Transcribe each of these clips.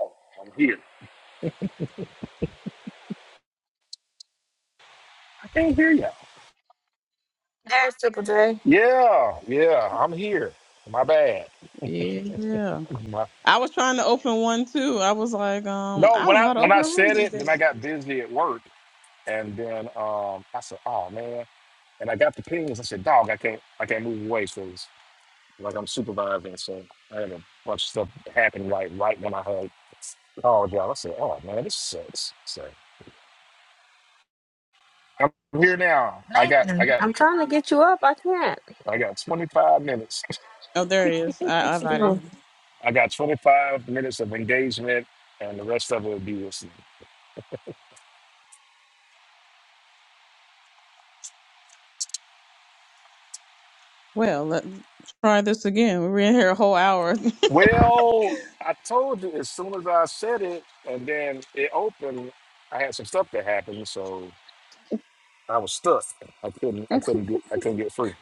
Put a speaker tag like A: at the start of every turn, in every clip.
A: Oh, I'm here. I can't hear you.
B: Pastor
A: Yeah, yeah, I'm here. My bad.
C: Yeah.
A: My-
C: I was trying to open one too. I was like, um,
A: no,
C: I
A: when
C: don't know
A: I
C: how to
A: when I
C: open a room
A: said
C: these
A: it, then I
C: days.
A: got busy at work, and then um, I said, "Oh man!" And I got the pings. I said, "Dog, I can't, I can't move away from this. Like I'm supervising, so I had a bunch of stuff happen right right when I had called y'all. I said, "Oh man, this sucks." So I'm here now. I got, I
B: Nathan,
A: got,
B: I'm trying to get you up. I can't.
A: I got 25 minutes.
C: Oh, there he is. I, I invited him.
A: I got 25 minutes of engagement, and the rest of it will be listening.
C: Well, let's try this again. We were in here a whole hour.
A: Well, I told you as soon as I said it, and then it opened. I had some stuff that happened, so I was stuck. I couldn't. I couldn't get. I couldn't get free.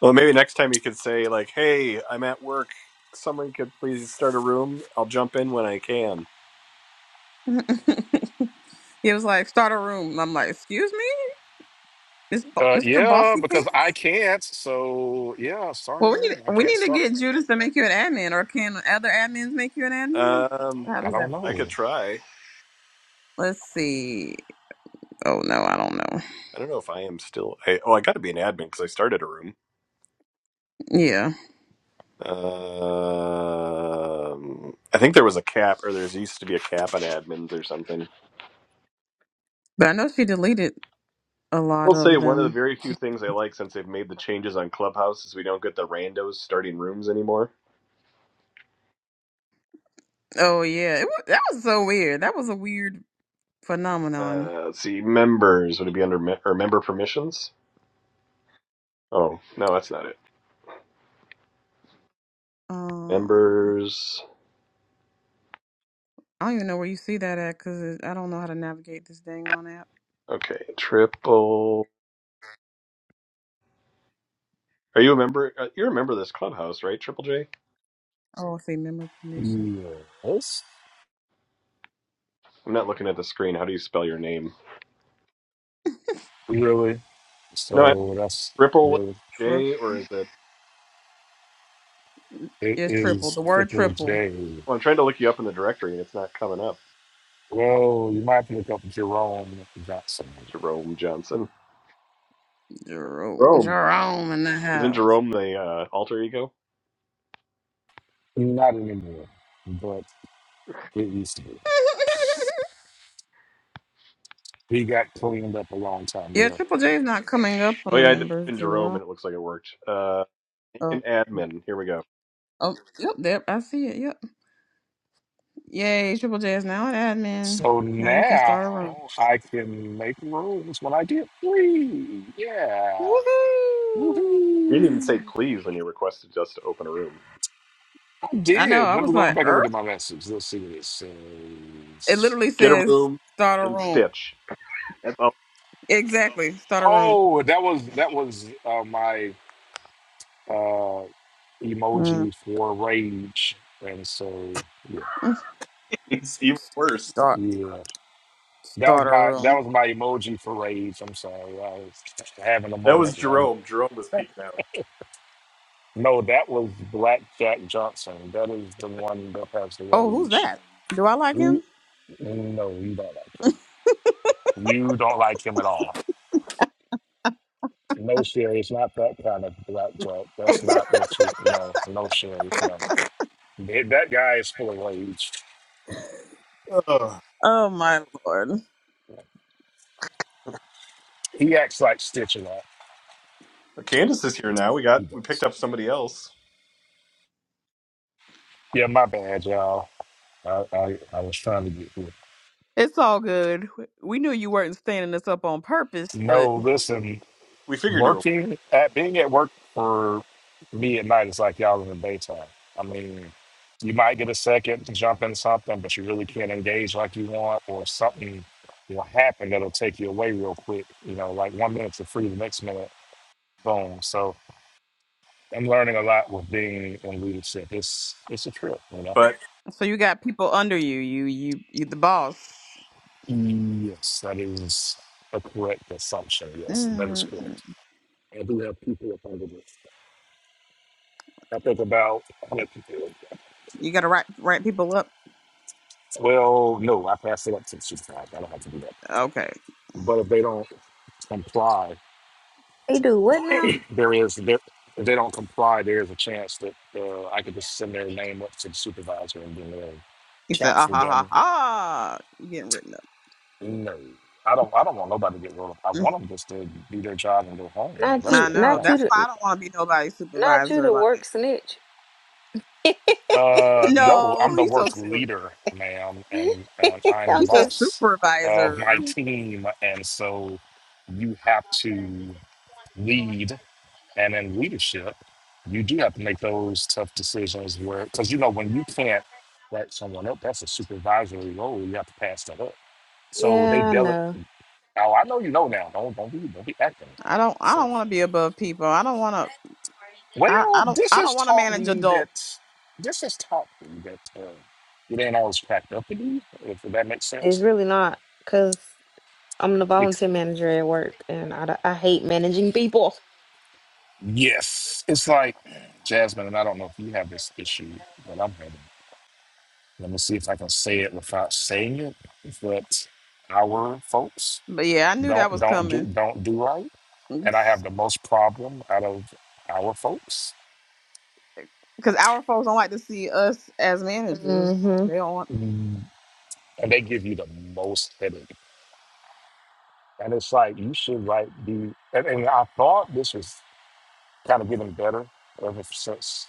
D: Well, maybe next time you could say like, "Hey, I'm at work. Someone could please start a room. I'll jump in when I can."
C: he was like, start a room. I'm like, excuse me? Miss Bo-
A: Uh,
C: Mr.
A: yeah,
C: Bossy
A: because
C: Pants?
A: I can't. So yeah, start a
C: Well, we need
A: room. I
C: we
A: can't
C: need to
A: start.
C: get Judas to make you an admin, or can other admins make you an admin?
D: Um,
C: How
A: I
C: does that
A: don't
C: work?
D: I could
A: know.
D: try.
C: Let's see. Oh no, I don't know.
D: I don't know if I am still. I, oh, I got to be an admin because I started a room.
C: Yeah.
D: Um, I think there was a cap, or there used to be a cap on admins or something.
C: But I know she deleted a lot
D: I'll say
C: of
D: one of the
C: them.
D: very few
C: She
D: things I like since they've made the changes on Clubhouse is we don't get the randos starting rooms anymore.
C: Oh yeah, it was, that was so weird. That was a weird phenomenon.
D: Uh, let's see, members would it be under me- or member permissions? Oh no, that's not it.
C: Um,
D: Members.
C: I don't even know where you see that at because I don't know how to navigate this dang on app.
D: Okay, triple. Are you a member? Uh, you're a member of this clubhouse, right? Triple J.
C: Oh, I see member permission.
A: Yes,
D: I'm not looking at the screen. How do you spell your name?
A: really.
D: No, I,
A: So that's
D: triple
A: really.
C: Trip.
D: J, or is it?
A: It
C: Yes, triple.
A: is
C: The word
A: sticking with
C: triple.
A: Jay.
D: Well, I'm trying to look you up in the directory, and it's not coming up.
A: Well, you might pick to look up Jerome Johnson.
D: Jerome Johnson.
C: Jerome,
D: Jerome.
C: Jerome in the
D: Isn't
C: house.
D: Jerome the uh, alter ego?
A: Not anymore, but it used to be. He got cleaned up a long time
C: yeah,
A: ago.
C: Triple J is not coming up on
D: Oh
C: the
D: yeah, I did
C: members.
D: put in Jerome,
C: Jerome.
D: and it looks like it worked. Uh, an
C: Oh,
D: admin. Here we go.
C: oh, yep, there. I see it. Yep. Yay, Triple J is now an admin.
A: So
C: Now you can
A: now
C: start a room.
A: I can make rooms when I get free. Yeah.
C: Woohoo!
D: You didn't even say
A: Woohoo.
D: please when you requested us to open a room.
A: I
C: I know.
A: did.
C: I
A: Let me
C: was
A: go
C: like,
A: back and
C: "Er."
A: look at my message. Let's see what it
C: It
A: says.
C: literally
D: Get a
C: says
D: room
C: start a
D: and
C: room.
D: stitch. That's
C: Exactly. Start a room.
A: Oh, that was that was uh, my uh, emoji
C: Mm.
A: for rage, and so yeah,
D: It's even worse.
C: Start
A: yeah. That was
C: start a
A: my that
C: room.
A: was my emoji for rage. I'm sorry, I was having a
D: That was
A: moment.
D: Jerome. Jerome was peeking out.
A: No, that was Black Jack Johnson. That is the one that passed away.
C: Oh, who's that? Do I like
A: He,
C: him?
A: no, you don't like him. You don't like him at all. No, Sherry, it's not that kind of Black Jack. That's not what you, no, no, Sherry, no. That that guy is full of rage.
D: Uh,
C: Oh my lord.
A: He acts like Stitch a lot.
D: Candace is here now. We
A: He
D: got we
A: does.
D: picked up somebody else.
A: Yeah, my bad, y'all. I, I, I was trying to get here.
C: It's all good. We knew you weren't standing this up on purpose, but
A: No, listen.
D: We figured you were,
A: working at being at work for me at night is like y'all in the daytime. I mean, you might get a second to jump in something, but you really can't engage like you want, or something will happen that'll take you away real quick. You know, like one minute's a free, the next minute, boom. So I'm learning a lot with being in leadership. It's it's a trip, you know.
D: but
C: so you got people under you. You you you the boss.
A: Yes, that is a correct assumption. Yes, that is
C: mm
A: correct. I do have people up under this. I think about 100 people.
C: You got to write write people up.
A: Well, no, I passed it up to the supervisor. I don't have to do that.
C: Okay.
A: But if they don't comply,
B: He do what now?
A: there is there, if they don't comply, there is a chance that uh, I could just send their name up to the supervisor and then they'll
C: You said ah
A: counsel
C: ha ha
A: them.
C: ha. You getting written up.
A: No, I don't. I don't want nobody to get rolled up. I
C: Mm.
A: want them just to do their job and go home.
B: Not
A: That's
B: you.
C: I
A: what I
C: know.
B: Not
A: want.
B: you.
C: That's
B: To,
C: why I don't want to be nobody's
B: not you
C: supervisor.
B: to work
C: Like
B: snitch.
A: Uh, no, I'm
C: no,
A: the
C: you so
A: work
C: silly.
A: leader, ma'am, and, and I'm the
B: I'm
C: He's a
B: just.
A: boss of my
C: supervisor.
A: team, and so you have to lead And in leadership, you do have to make those tough decisions where, because you know, when you can't write someone up, that's a supervisory role. You have to pass that up. So they
B: Yeah, I
A: bill it.
B: know.
A: Oh, I know you know now. Don't don't be don't be acting.
C: I don't I
A: So
C: don't want to be above people. I don't want to I,
A: well,
C: I don't
A: this
C: I don't
A: has
C: want to
A: taught
C: manage
A: me that
C: adults.
A: this has taught me that uh, it ain't always cracked up in you. If that makes
B: It's
A: sense.
B: really not because I'm the
A: It's,
B: volunteer manager at work, and I, d- I hate managing people.
A: yes, it's like Jasmine, and I don't know if you have this issue, but I'm having. Let me see if I can say it without saying it. But our folks
C: But yeah, I knew that
A: don't
C: was
A: don't do
C: coming.
A: don't do right, and I have the
C: Cuz
A: most problem out of our folks,
C: our folks don't like to see us as managers.
B: hmm
C: They don't want
A: Mm. and they give you the most headache. And it's like you should like be. And, and I thought this was kind of getting better ever since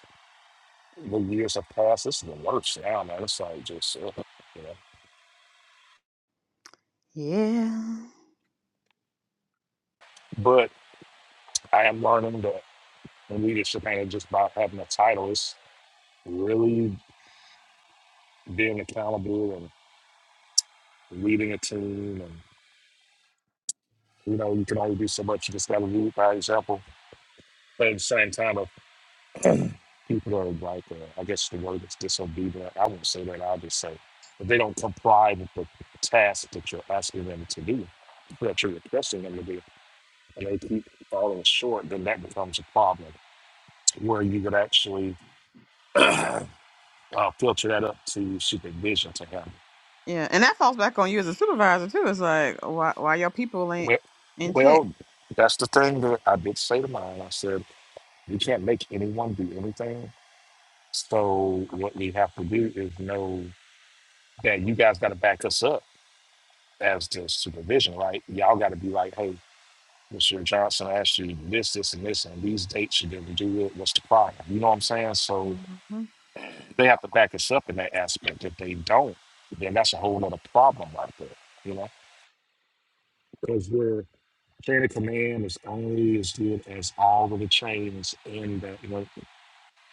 A: the years have passed. This is the worst now, man. It's like just ugh, you know.
C: Yeah.
A: But I am learning that leadership ain't just about having a title. It's really being accountable and leading a team. And, you know, you can only do so much. You just got to lead by example. But at the same time, if people are like, uh, I guess the word is disobedient, I won't say that. I'll just say, if they don't comply with the task that you're asking them to do, that you're requesting them to do, and they keep falling short, then that becomes a problem where you could actually uh, filter that up to supervision to him.
C: Yeah, and that falls back on you as a supervisor too. It's like why why your people ain't
A: Well,
C: in check.
A: well, that's the thing that I did say to mine. I said. We can't make anyone do anything. So what we have to do is know that you guys got to back us up as the supervision, right? Y'all got to be like, hey, Mr. Johnson asked you this, this, and this, and these dates you didn't do it. What's the problem? You know what I'm saying? So
C: Mhm.
A: they have to back us up in that aspect. If they don't, then that's a whole other problem right there, you know? Because we're chain of command is only as good as all of the chains in the, you know,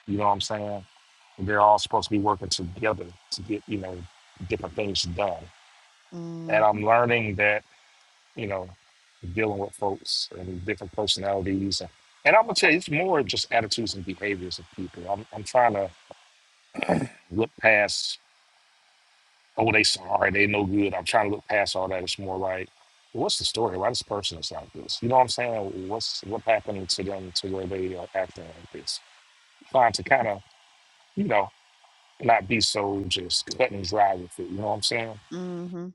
A: you know what I'm saying? They're all supposed to be working together to get, you know, different things done. And
C: Mhm.
A: I'm learning that, you know, dealing with folks and different personalities. And, and I'm going to tell you, it's more just attitudes and behaviors of people. I'm, I'm trying to look past, oh, they sorry, they no good. I'm trying to look past all that. It's more like, what's the story? Why this person is like this? You know what I'm saying? What's what happened to them to where they are acting like this? Trying to kind of, you know, not be so just cut and dry with it. You know what I'm saying?
C: Mhm.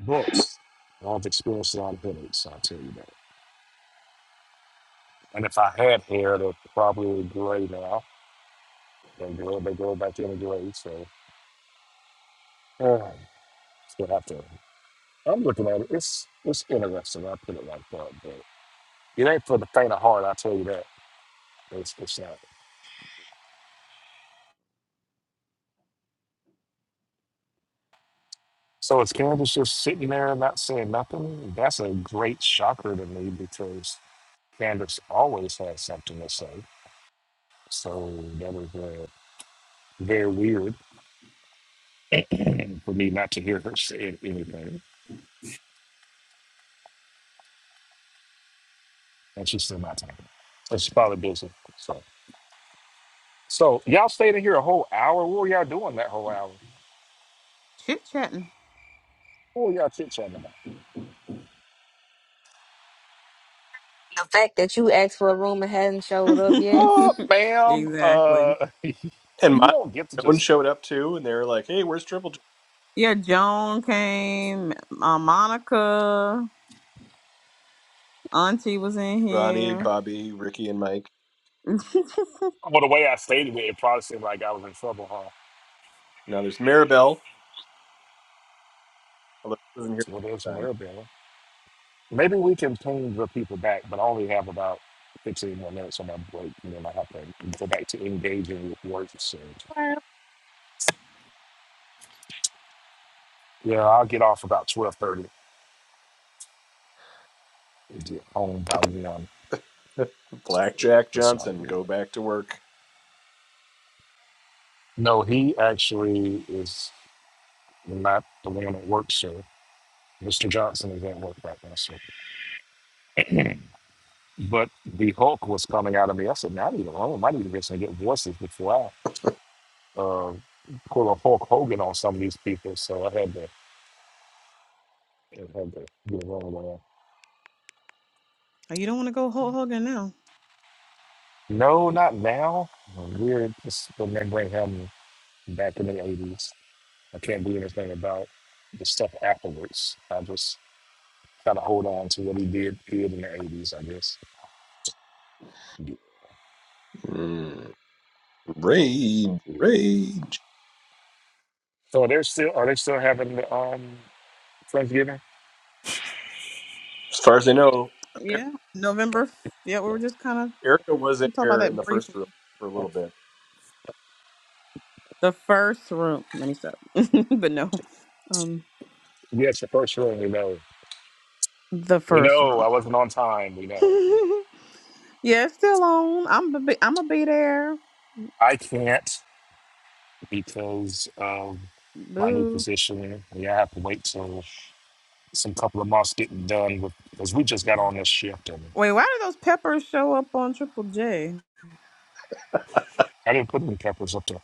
A: books. I've experienced a lot of headaches, I'll tell you that. And if I had hair, they probably would gray now. They grow, they grow back in the gray, so uh, still have to. I'm looking at it. It's it's interesting. I put it like that, but it ain't for the faint of heart. I tell you that. It's it's not. So is Candace just sitting there and not saying nothing? That's a great shocker to me because Candace always has something to say. So that was uh, very weird for me not to hear her say anything. and she's still not talking. So she's probably busy. So, so y'all stayed in here a whole hour. What were y'all doing that whole hour?
C: Chit chatting.
A: What were y'all chit chatting about?
B: The fact that you asked for a room and hadn't showed up yet.
A: Oh, ma'am,
C: exactly.
A: uh,
D: and
A: you
D: Monica
A: don't get to
D: and Joan
A: just.
D: showed up too, and they were like, "Hey, where's Triple J?"
C: Yeah, Joan came. Uh, Monica. Auntie was in
D: Ronnie,
C: here.
D: Bobby, Ricky, and Mike.
A: Well, the way I stated it, it probably seemed like I was in trouble, huh?
D: Now there's Maribel. Although she wasn't here
A: Well, there's some
D: this
A: from Arabella. Maybe we can ping the people back, but I only have about 15 more minutes on my break, and then I have to go back to engaging with work. So,
E: Or
A: yeah, I'll get off about 12:30 and get home by one.
D: time. Blackjack
A: It's all
D: Johnson,
A: good.
D: go back to work.
A: No, he actually is not the one that works, sir. Mr. Johnson is at work right now, sir. But the Hulk was coming out of me. I said, man, I need to, I might need to get some good voices before I uh, pull a Hulk Hogan on some of these people. So I had to, I had to get along with that.
C: Oh, you don't want to go Hulk Hogan now.
A: No, not now. We're just remembering him back in the 80s. I can't do anything about the stuff afterwards. I just kind of hold on to what he did, did in the 80s, I guess.
D: Mm, rage, rage.
A: So they're still are they still having the um Thanksgiving?
D: As far as I know, Eric-
C: Yeah, November. f- Yeah, we were just kind of
D: Erica was in
C: we talked about
D: here in
C: that
D: the first
C: briefly.
D: room for a little bit.
C: The first room. Let me stop. but no, um,
A: Yes, the first room we know.
C: the
A: We
C: first
A: know
C: room.
A: I wasn't on time. We know. we know.
C: yeah, it's still on. I'm a be, I'm gonna be there.
A: I can't because of my new
C: Boo.
A: position. Yeah, I have to wait till some couple of months getting done with because we just got on this shift and
C: Wait, why do those peppers show up on Triple J?
A: I didn't put any peppers up there.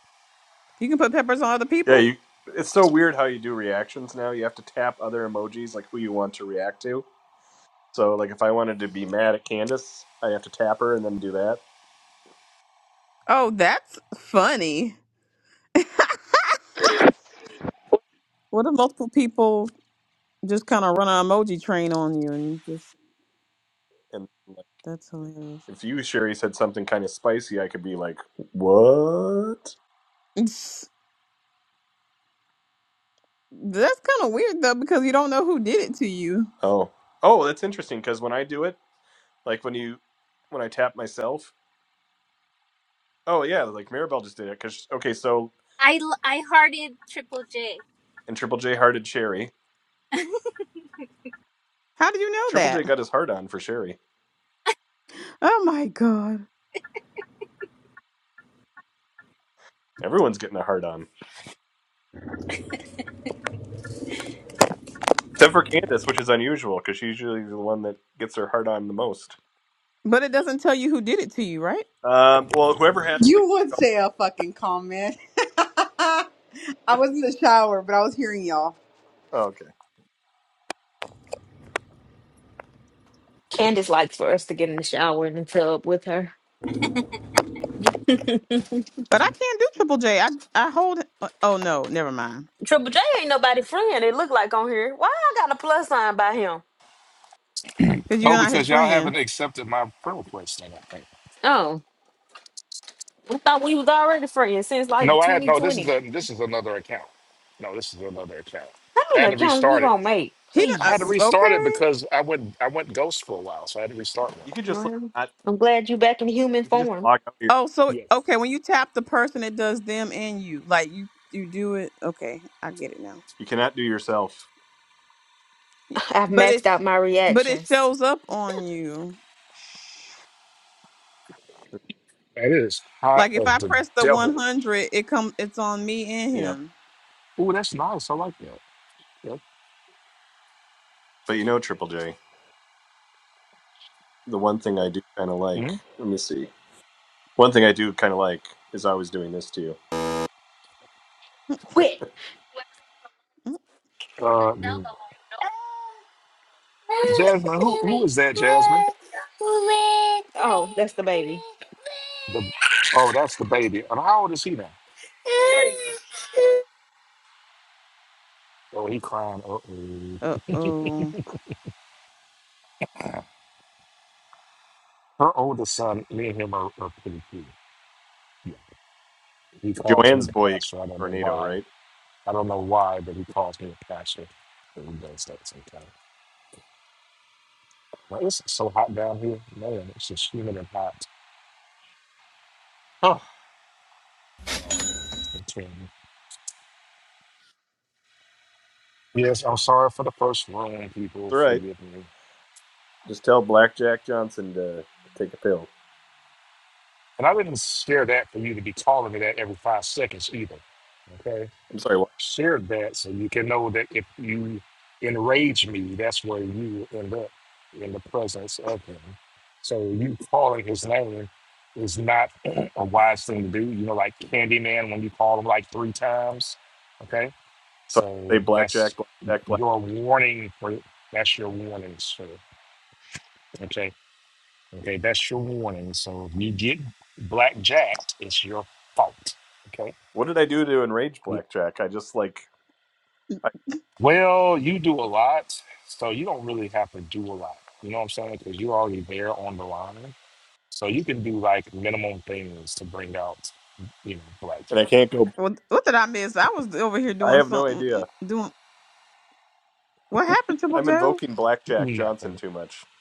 C: You can put peppers on other
D: Yeah,
C: people.
D: you. It's so weird how you do reactions now. You have to tap other emojis, like who you want to react to So like if I wanted to be mad at Candace, I have to tap her and then do that.
C: Oh, that's funny. What if multiple people just kind of run an emoji train on you and just
D: And like,
C: That's hilarious.
D: if you Sherry said something kind of spicy, I could be like, "What?
C: It's- That's kind of weird though, because you don't know who did it to you.
D: Oh, oh, that's interesting." Because when I do it, like when you when I tap myself, oh yeah, like Mirabelle just did it. Because okay, so
E: I l- I hearted Triple J.
D: and Triple J hearted Sherry.
C: How do you know
D: Triple J
C: that?
D: got his heart on for Sherry.
C: Oh my god!
D: Everyone's getting a heart on except for Candace, which is unusual because she's usually the one that gets her heart on the most.
C: But it doesn't tell you who did it to you, right?
D: Um, well, whoever has like,
F: You would say a fucking comment. I was in the shower, but I was hearing y'all.
D: oh, okay,
B: Candace likes for us to get in the shower and the tub with her.
C: But I can't do Triple J. I I hold. uh, Oh no, never mind.
B: Triple J ain't nobody friend. It look like on here. Why I got a plus sign by him?
C: Because you're
A: Oh,
C: not his
A: because y'all
C: friend.
A: haven't accepted my prayer request, I don't think.
B: Oh. We thought we was already friends since like
A: No, I had no this
B: 2020.
A: is
B: How
A: a this is another account. No, this is another account. I
B: many
A: had to
B: accounts you
A: restart it
B: gonna make?
C: He don't-
A: I had to
B: Please.
C: uh,
A: restart it
C: okay.
A: because I went I went ghost for a while, so I had to restart one.
D: you could just like
B: Well,
D: not
B: I'm glad you back in human
D: You can just
B: form.
D: log out. Here.
C: Oh, so
A: Yeah,
C: okay, when you tap the person, it does them and you. Like you, you do it. Okay, I get it now.
D: You cannot do yourself.
B: I've
C: But it,
B: maxed out my
C: but it
B: reactions.
C: shows up on you.
A: that is hot
C: Like if
A: as
C: I
A: the
C: press the
A: devil.
C: one hundred, it come. It's on me and
D: Yeah,
C: him.
A: Ooh, that's nice. I like that. Yep.
D: but you know Triple J. The one thing I do kind of like.
A: Mhm.
D: Let me see. One thing I do kind of like is I was doing this to you.
B: Quit.
A: Uh, mm. Jasmine, who who is that, Jasmine?
B: Oh, that's the baby.
A: The oh, that's the baby. And how old is he now? Oh, he crying. Uh-oh.
C: Uh oh.
A: Her oldest son, me and him are, are pretty cute. He calls me
D: Joanne's
A: the
D: boy, you
A: pastor. I don't
D: call him
A: know
D: tornado,
A: why.
D: right?
A: I don't know why, but he calls me the pastor. And he does that sometimes. Well, it's so hot down here. Man, it's just humid and hot. Huh. Yes, I'm sorry for the first one, people.
D: That's right.
A: Forgive me.
D: Just tell Blackjack Johnson to take a pill.
A: And I didn't share that for you to be calling me that every five seconds either. Okay?
D: I'm sorry. What?
A: Share that so you can know that if you enrage me, that's where you end up in the presence of him. So you calling his name is not a wise thing to do. You know, like Candyman when you call him like three times. Okay?
D: So I say
A: So that's
D: Blackjack, Blackjack, Black.
A: your warning for that's your warning, sir. Okay. Okay, that's your warning. So if you get blackjacked, it's your fault. Okay.
D: What did I do to enrage
A: Yeah.
D: Blackjack? I just like, I,
A: Well, you do a lot, so you don't really have to do a lot. You know what I'm saying? Because you're already there on the line, so you can do like minimum things to bring out, you know,
D: and I
A: blackjack.
D: can't go.
C: What what did I miss? I was over here
D: I
C: doing
D: have no
C: something. mm,
D: idea.
C: mm, Doing what happened, Triple
D: I'm
C: Joe?
D: invoking Blackjack Johnson
A: Nothing.
D: too much.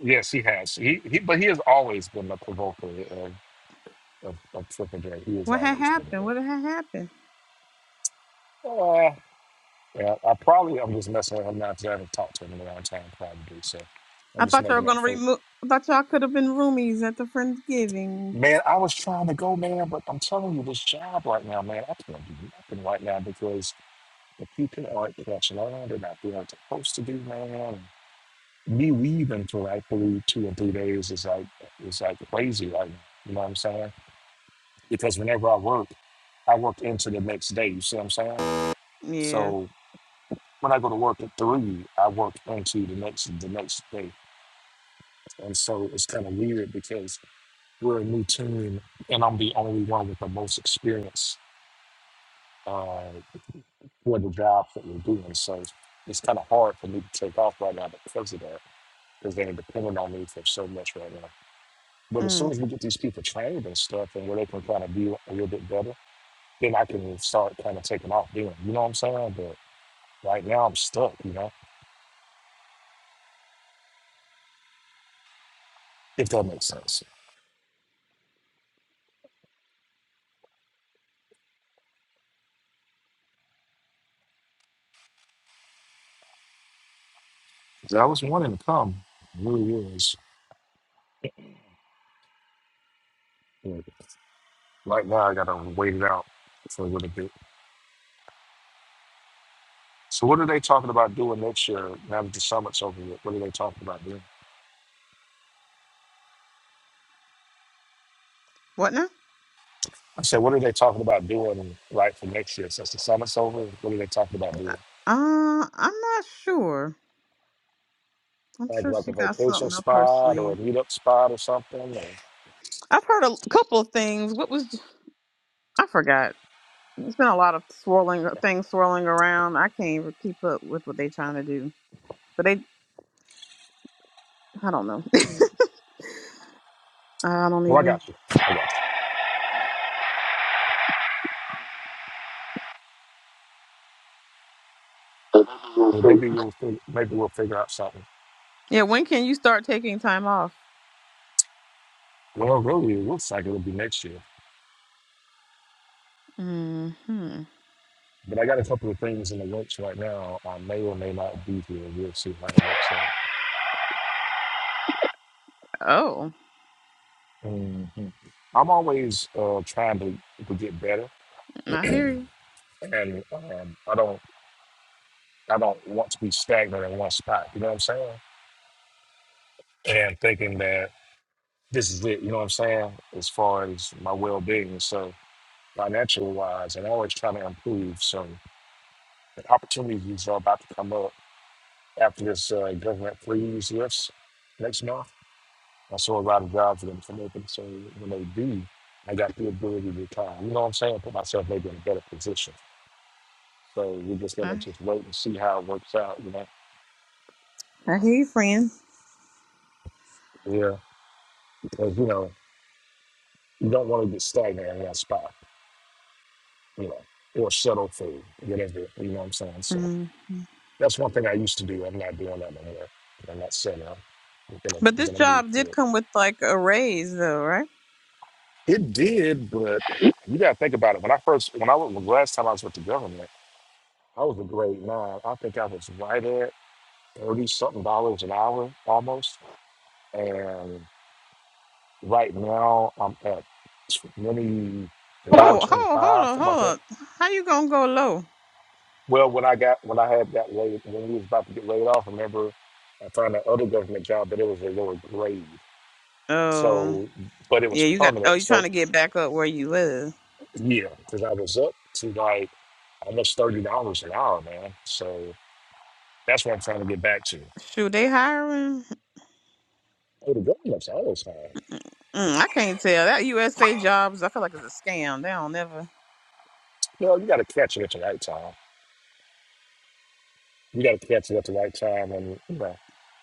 A: Yes, he has. He, he but he has always been the provoker of of, of triple J. He has
C: What had
A: always been
C: happened?
A: there.
C: What had happened?
A: Uh, yeah, I probably I'm just messing with him now because I haven't talked to him in a long time, probably. So. I'm
C: I
A: just
C: thought y'all were
A: making up
C: gonna
A: for
C: remove. I thought y'all could have been roomies at the friendsgiving.
A: Man, I was trying to go, man, but I'm telling you, this job right now, man, I can't do nothing right now because the people aren't catching on. They're not doing what they're supposed to do, man. And me leaving for like three, two or three days is like is like crazy right now. You know what I'm saying? Because whenever I work, I work into the next day. You see what I'm saying?
C: Yeah.
A: So when I go to work at three, I work into the next the next day, and so it's kind of weird because we're a new team, and I'm the only one with the most experience uh, for the jobs that we're doing. So it's kind of hard for me to take off right now because of that, because they're dependent on me for so much right now. But as
C: mm.
A: soon as we get these people trained and stuff, and where they can kind of be a little bit better, then I can start kind of taking off doing. You know what I'm saying? But right now I'm stuck. You know, if that makes sense. 'Cause I was wanting to come, I really was. But right now I gotta wait it out for a little bit. So what are they talking about doing next year? Now that the summit's over with, what are they talking about doing?
C: What now?
A: I said, what are they talking about doing right for next year since the summit's over? What are they talking about
C: Uh,
A: doing?
C: uh, I'm not sure. I'm
A: Like
C: sure
A: like a
C: she got
A: vacation
C: something up her
A: spot or a
C: sleeve.
A: meetup spot or something? Or,
C: I've heard a couple of things. What was I forgot? There's been a lot of swirling uh, things swirling around. I can't even keep up with what they're trying to do. But they, I don't know. I don't
A: oh, I
C: even.
A: got you. I got you. Well, maybe we'll fig- maybe we'll figure out something.
C: Yeah, when can you start taking time off?
A: Well, really, it looks like it'll be next year.
C: Hmm.
A: But I got a couple of things in the works right now. I may or may not be here. We'll see how it works out.
C: Oh,
A: Mhm. I'm always uh, trying to, to get better,
C: I hear you.
A: and um, I don't I don't want to be stagnant in one spot. You know what I'm saying? And thinking that. this is it, you know what I'm saying? As far as my well being. So financial wise and always trying to improve. So the opportunities are about to come up after this uh, government freeze lifts next month. I saw a lot of jobs are gonna come open. So when they do, I got the ability to retire. You know what I'm saying? Put myself maybe in a better position. So we're just gonna
C: I,
A: just wait and see how it works out, you know.
C: I hear you, friend.
A: Yeah. Because you know, you don't wanna get stagnant in that spot, you know, or settle for whatever, you know what I'm saying? So.
C: Mm.
A: That's one thing I used to do. I'm not doing that no more. I'm not saying that. We're gonna
C: But
A: we're
C: this
A: gonna move
C: job
A: through
C: did
A: it.
C: come with like a raise, though,
A: It did, but you gotta think about it. When I first when I was the last time I was with the government, I was a grade nine. I think I was right at thirty something dollars an hour almost. And right now I'm at 24,
C: Oh, hold, hold
A: 25,
C: on,
A: something like
C: hold
A: that.
C: on. How you gonna go low?
A: Well, when I got when I had that laid when we was about to get laid off, remember I found that other government job, but it was a lower grade.
C: Um,
A: So, but it was
C: yeah, you got. Oh,
A: permanent.
C: you
A: So,
C: trying to get back up where you was?
A: yeah, because I was up to like almost thirty dollars an hour, man. So that's what I'm trying to get back to.
C: Shoot, they hiring?
A: Oh, the government's always high.
C: Mm, I can't tell. That USA jobs, I feel like it's a scam. They don't never.
A: You know, you got to catch it at the right time. You got to catch it at the right time, and you know,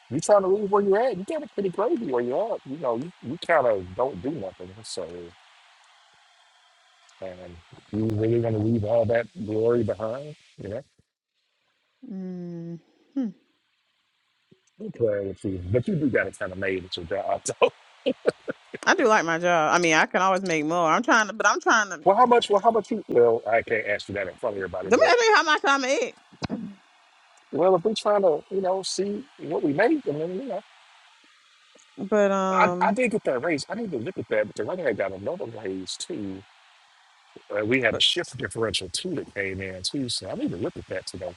A: you trying to leave where you're at. You got to pretty crazy where you're at. You know, you, you kind of don't do nothing. So, and you really want to leave all that glory behind, you know?
C: Mm, hmm.
A: Okay, let's see. But you do got to kind of made it your job.
C: I do like my job. I mean, I can always make more. I'm trying to, but I'm trying to.
A: Well, how much? Well, how much? You, well, I can't ask you that in front of everybody,
C: Let me
A: but
C: ask you how much I make.
A: well, if we're trying to, you know, see what we make, I mean, you know,
C: But
A: I, I
C: um,
A: did get that raise. I didn't even look at that, but the running back got another raise too. Uh, we had a
C: but
A: shift differential too that came in too, so I didn't even look at that today.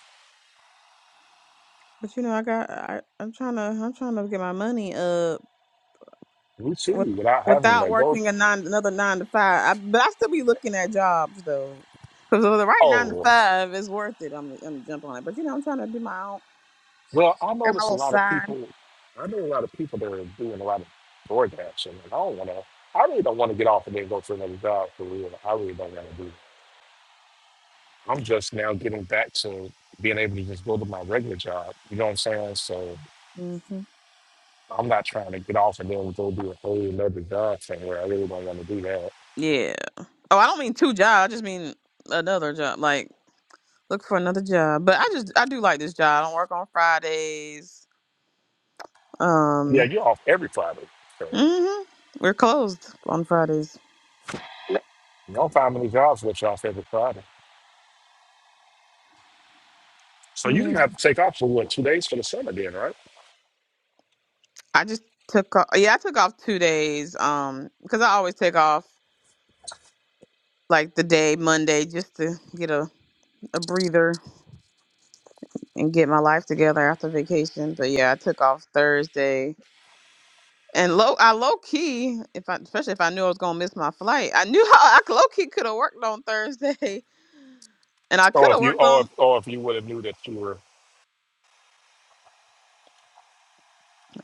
C: but you know, I got. I I'm trying to. I'm trying to get my money up.
A: We
C: with,
A: too, without having
C: without
A: to go.
C: working a nine, another nine to five. I, but I still be looking at jobs though, because the right nine to
A: Oh,
C: five is worth it. I'm I'm jumping on it, but you know I'm trying to do my own
A: well, I
C: and my
A: noticed a
C: little
A: lot of
C: side.
A: people. I know a lot of people that are doing a lot of DoorDash, and I don't want to. I really don't want to get off and then go for another job for real. I really don't want to do I'm just now getting back to being able to just go to my regular job. You know what I'm saying? So
C: hmm
A: I'm not trying to get off and then go do a whole another job somewhere. I really don't want to do that.
C: Yeah. Oh, I don't mean two jobs. I just mean another job. Like look for another job. But I just I do like this job. I don't work on Fridays.
A: Yeah,
C: Um.
A: you're off every Friday. So
C: hmm We're closed on Fridays.
A: you don't find many jobs with you off every Friday. So you
C: Yeah.
A: didn't have to take off for what two days for the summer then, right?
C: I just took off. Yeah, I took off two days. Um, because I always take off. like the day Monday just to get a, a breather and get my life together after vacation. But yeah, I took off Thursday. And low I low key, if I especially if I knew I was gonna miss my flight, I knew how I low key could have worked on Thursday. And I
A: Oh,
C: could
A: if
C: have
A: you,
C: worked
A: or if,
C: on
A: or if you would have knew that you were.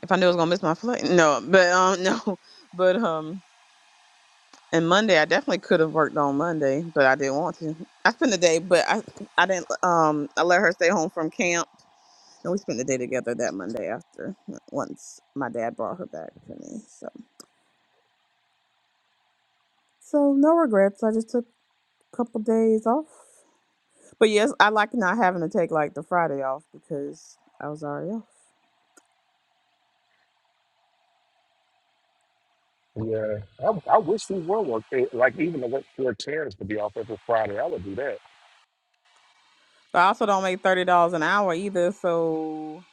C: if I knew I was gonna miss my flight. No, but um no. But um and Monday I definitely could have worked on Monday, but I didn't want to. I spent the day but I I didn't um I let her stay home from camp And we spent the day together that Monday after uh, once my dad brought her back to me. So so no regrets. I just took a couple days off. But yes, I like not having to take like the Friday off because I was already off.
A: Yeah, I, I wish we were work- eh, like even the work for tears to be off every Friday. I would do that.
C: But I also don't make thirty dollars an hour either, so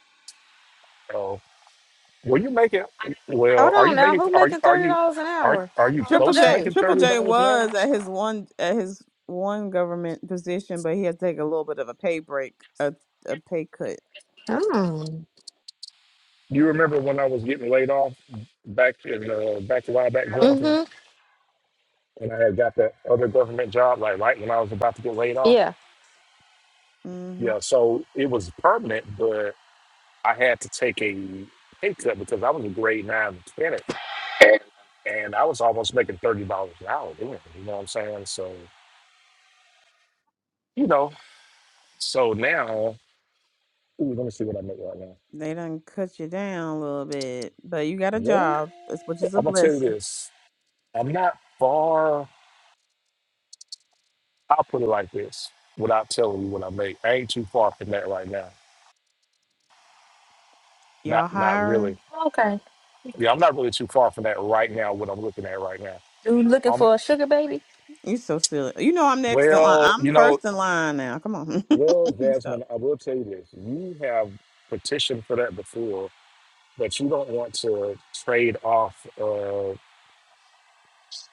A: So. Well, you making well,
B: Hold
A: are
B: on
A: you
B: now.
A: making
B: Who
A: are you
B: making
A: are
B: thirty
A: you
B: dollars an
A: are
B: hour?
A: are you
B: Triple
C: Triple
A: close to
C: J
B: J.
A: making
C: Triple
A: thirty
C: J
A: dollars an hour?
C: was at his one at his one government position, but he had to take a little bit of a pay break, a a pay cut.
B: Oh.
A: You remember when I was getting laid off back in uh, back a while back Johnson,
B: Mm-hmm.
A: and I had got that other government job like right when I was about to get laid off.
B: Yeah.
C: hmm
A: Yeah, so it was permanent, but I had to take a pay cut because I was a grade nine mechanic, and I was almost making thirty dollars an hour. Doing it, you know what I'm saying? So you know, so now ooh, let me see what I make right now.
C: They done cut you down a little bit, but you got a
A: Well,
C: job, it's- which is a
A: I'm gonna tell you
C: blessing.
A: this. I'm not far. I'll put it like this, without telling you what I make. I ain't too far from that right now. Not,
C: Y'all
A: not really.
C: hiring?
B: Okay.
A: Yeah, I'm not really too far from that right now. What I'm looking at right now.
B: You looking
A: Um.
B: for a sugar baby?
C: You so silly. You know I'm next in line.
A: Well,
C: I'm
A: you know.
C: first in line now. Come on.
A: Well,
C: Let me stop.
A: Jasmine, I will tell you this. You have petitioned for that before, but you don't want to trade off uh,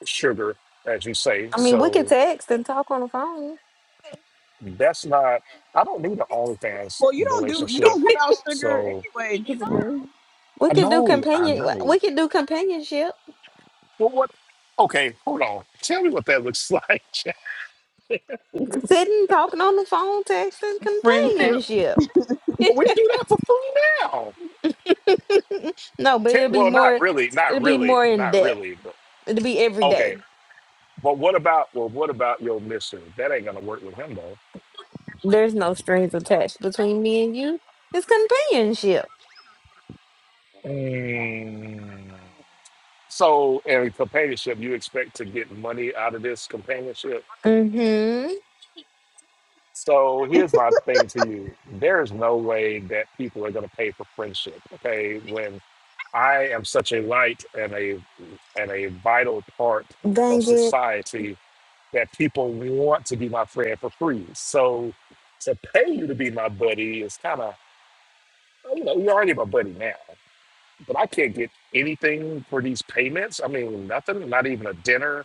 A: sugar, as you say.
B: I mean, we could
A: So
B: text and talk on the phone.
A: that's not. I don't need an OnlyFans
C: Well, you don't do you
A: relationship.
C: don't give out sugar
A: So
C: anyway, Triple J.
B: We
A: I
B: could do
A: know, I
B: companion.
A: know.
B: We could do companionship.
A: Well, what? Okay, hold on. Tell me what that looks like.
B: Sitting, talking on the phone, texting,
C: Friendship.
B: companionship.
A: But we do that for free now.
B: no, but
A: Te-
B: it'll be
A: well, not
B: more.
A: really, not
B: It'll be
A: really,
B: more in
A: not
B: depth.
A: really. But
B: It'll be every
A: okay.
B: day.
A: But what about? Well, what about your mission? That ain't gonna work with him though.
B: There's no strings attached between me and you. It's companionship.
A: Mm. So, in companionship, you expect to get money out of this companionship.
B: Mm-hmm.
A: So, here's my thing to you: there is no way that people are gonna pay for friendship. Okay, when. I am such a light and a and a vital part of
B: Dang it.
A: society that people want to be my friend for free. So to pay you to be my buddy is kind of you know you're already my buddy now, but I can't get anything for these payments. I mean nothing, not even a dinner,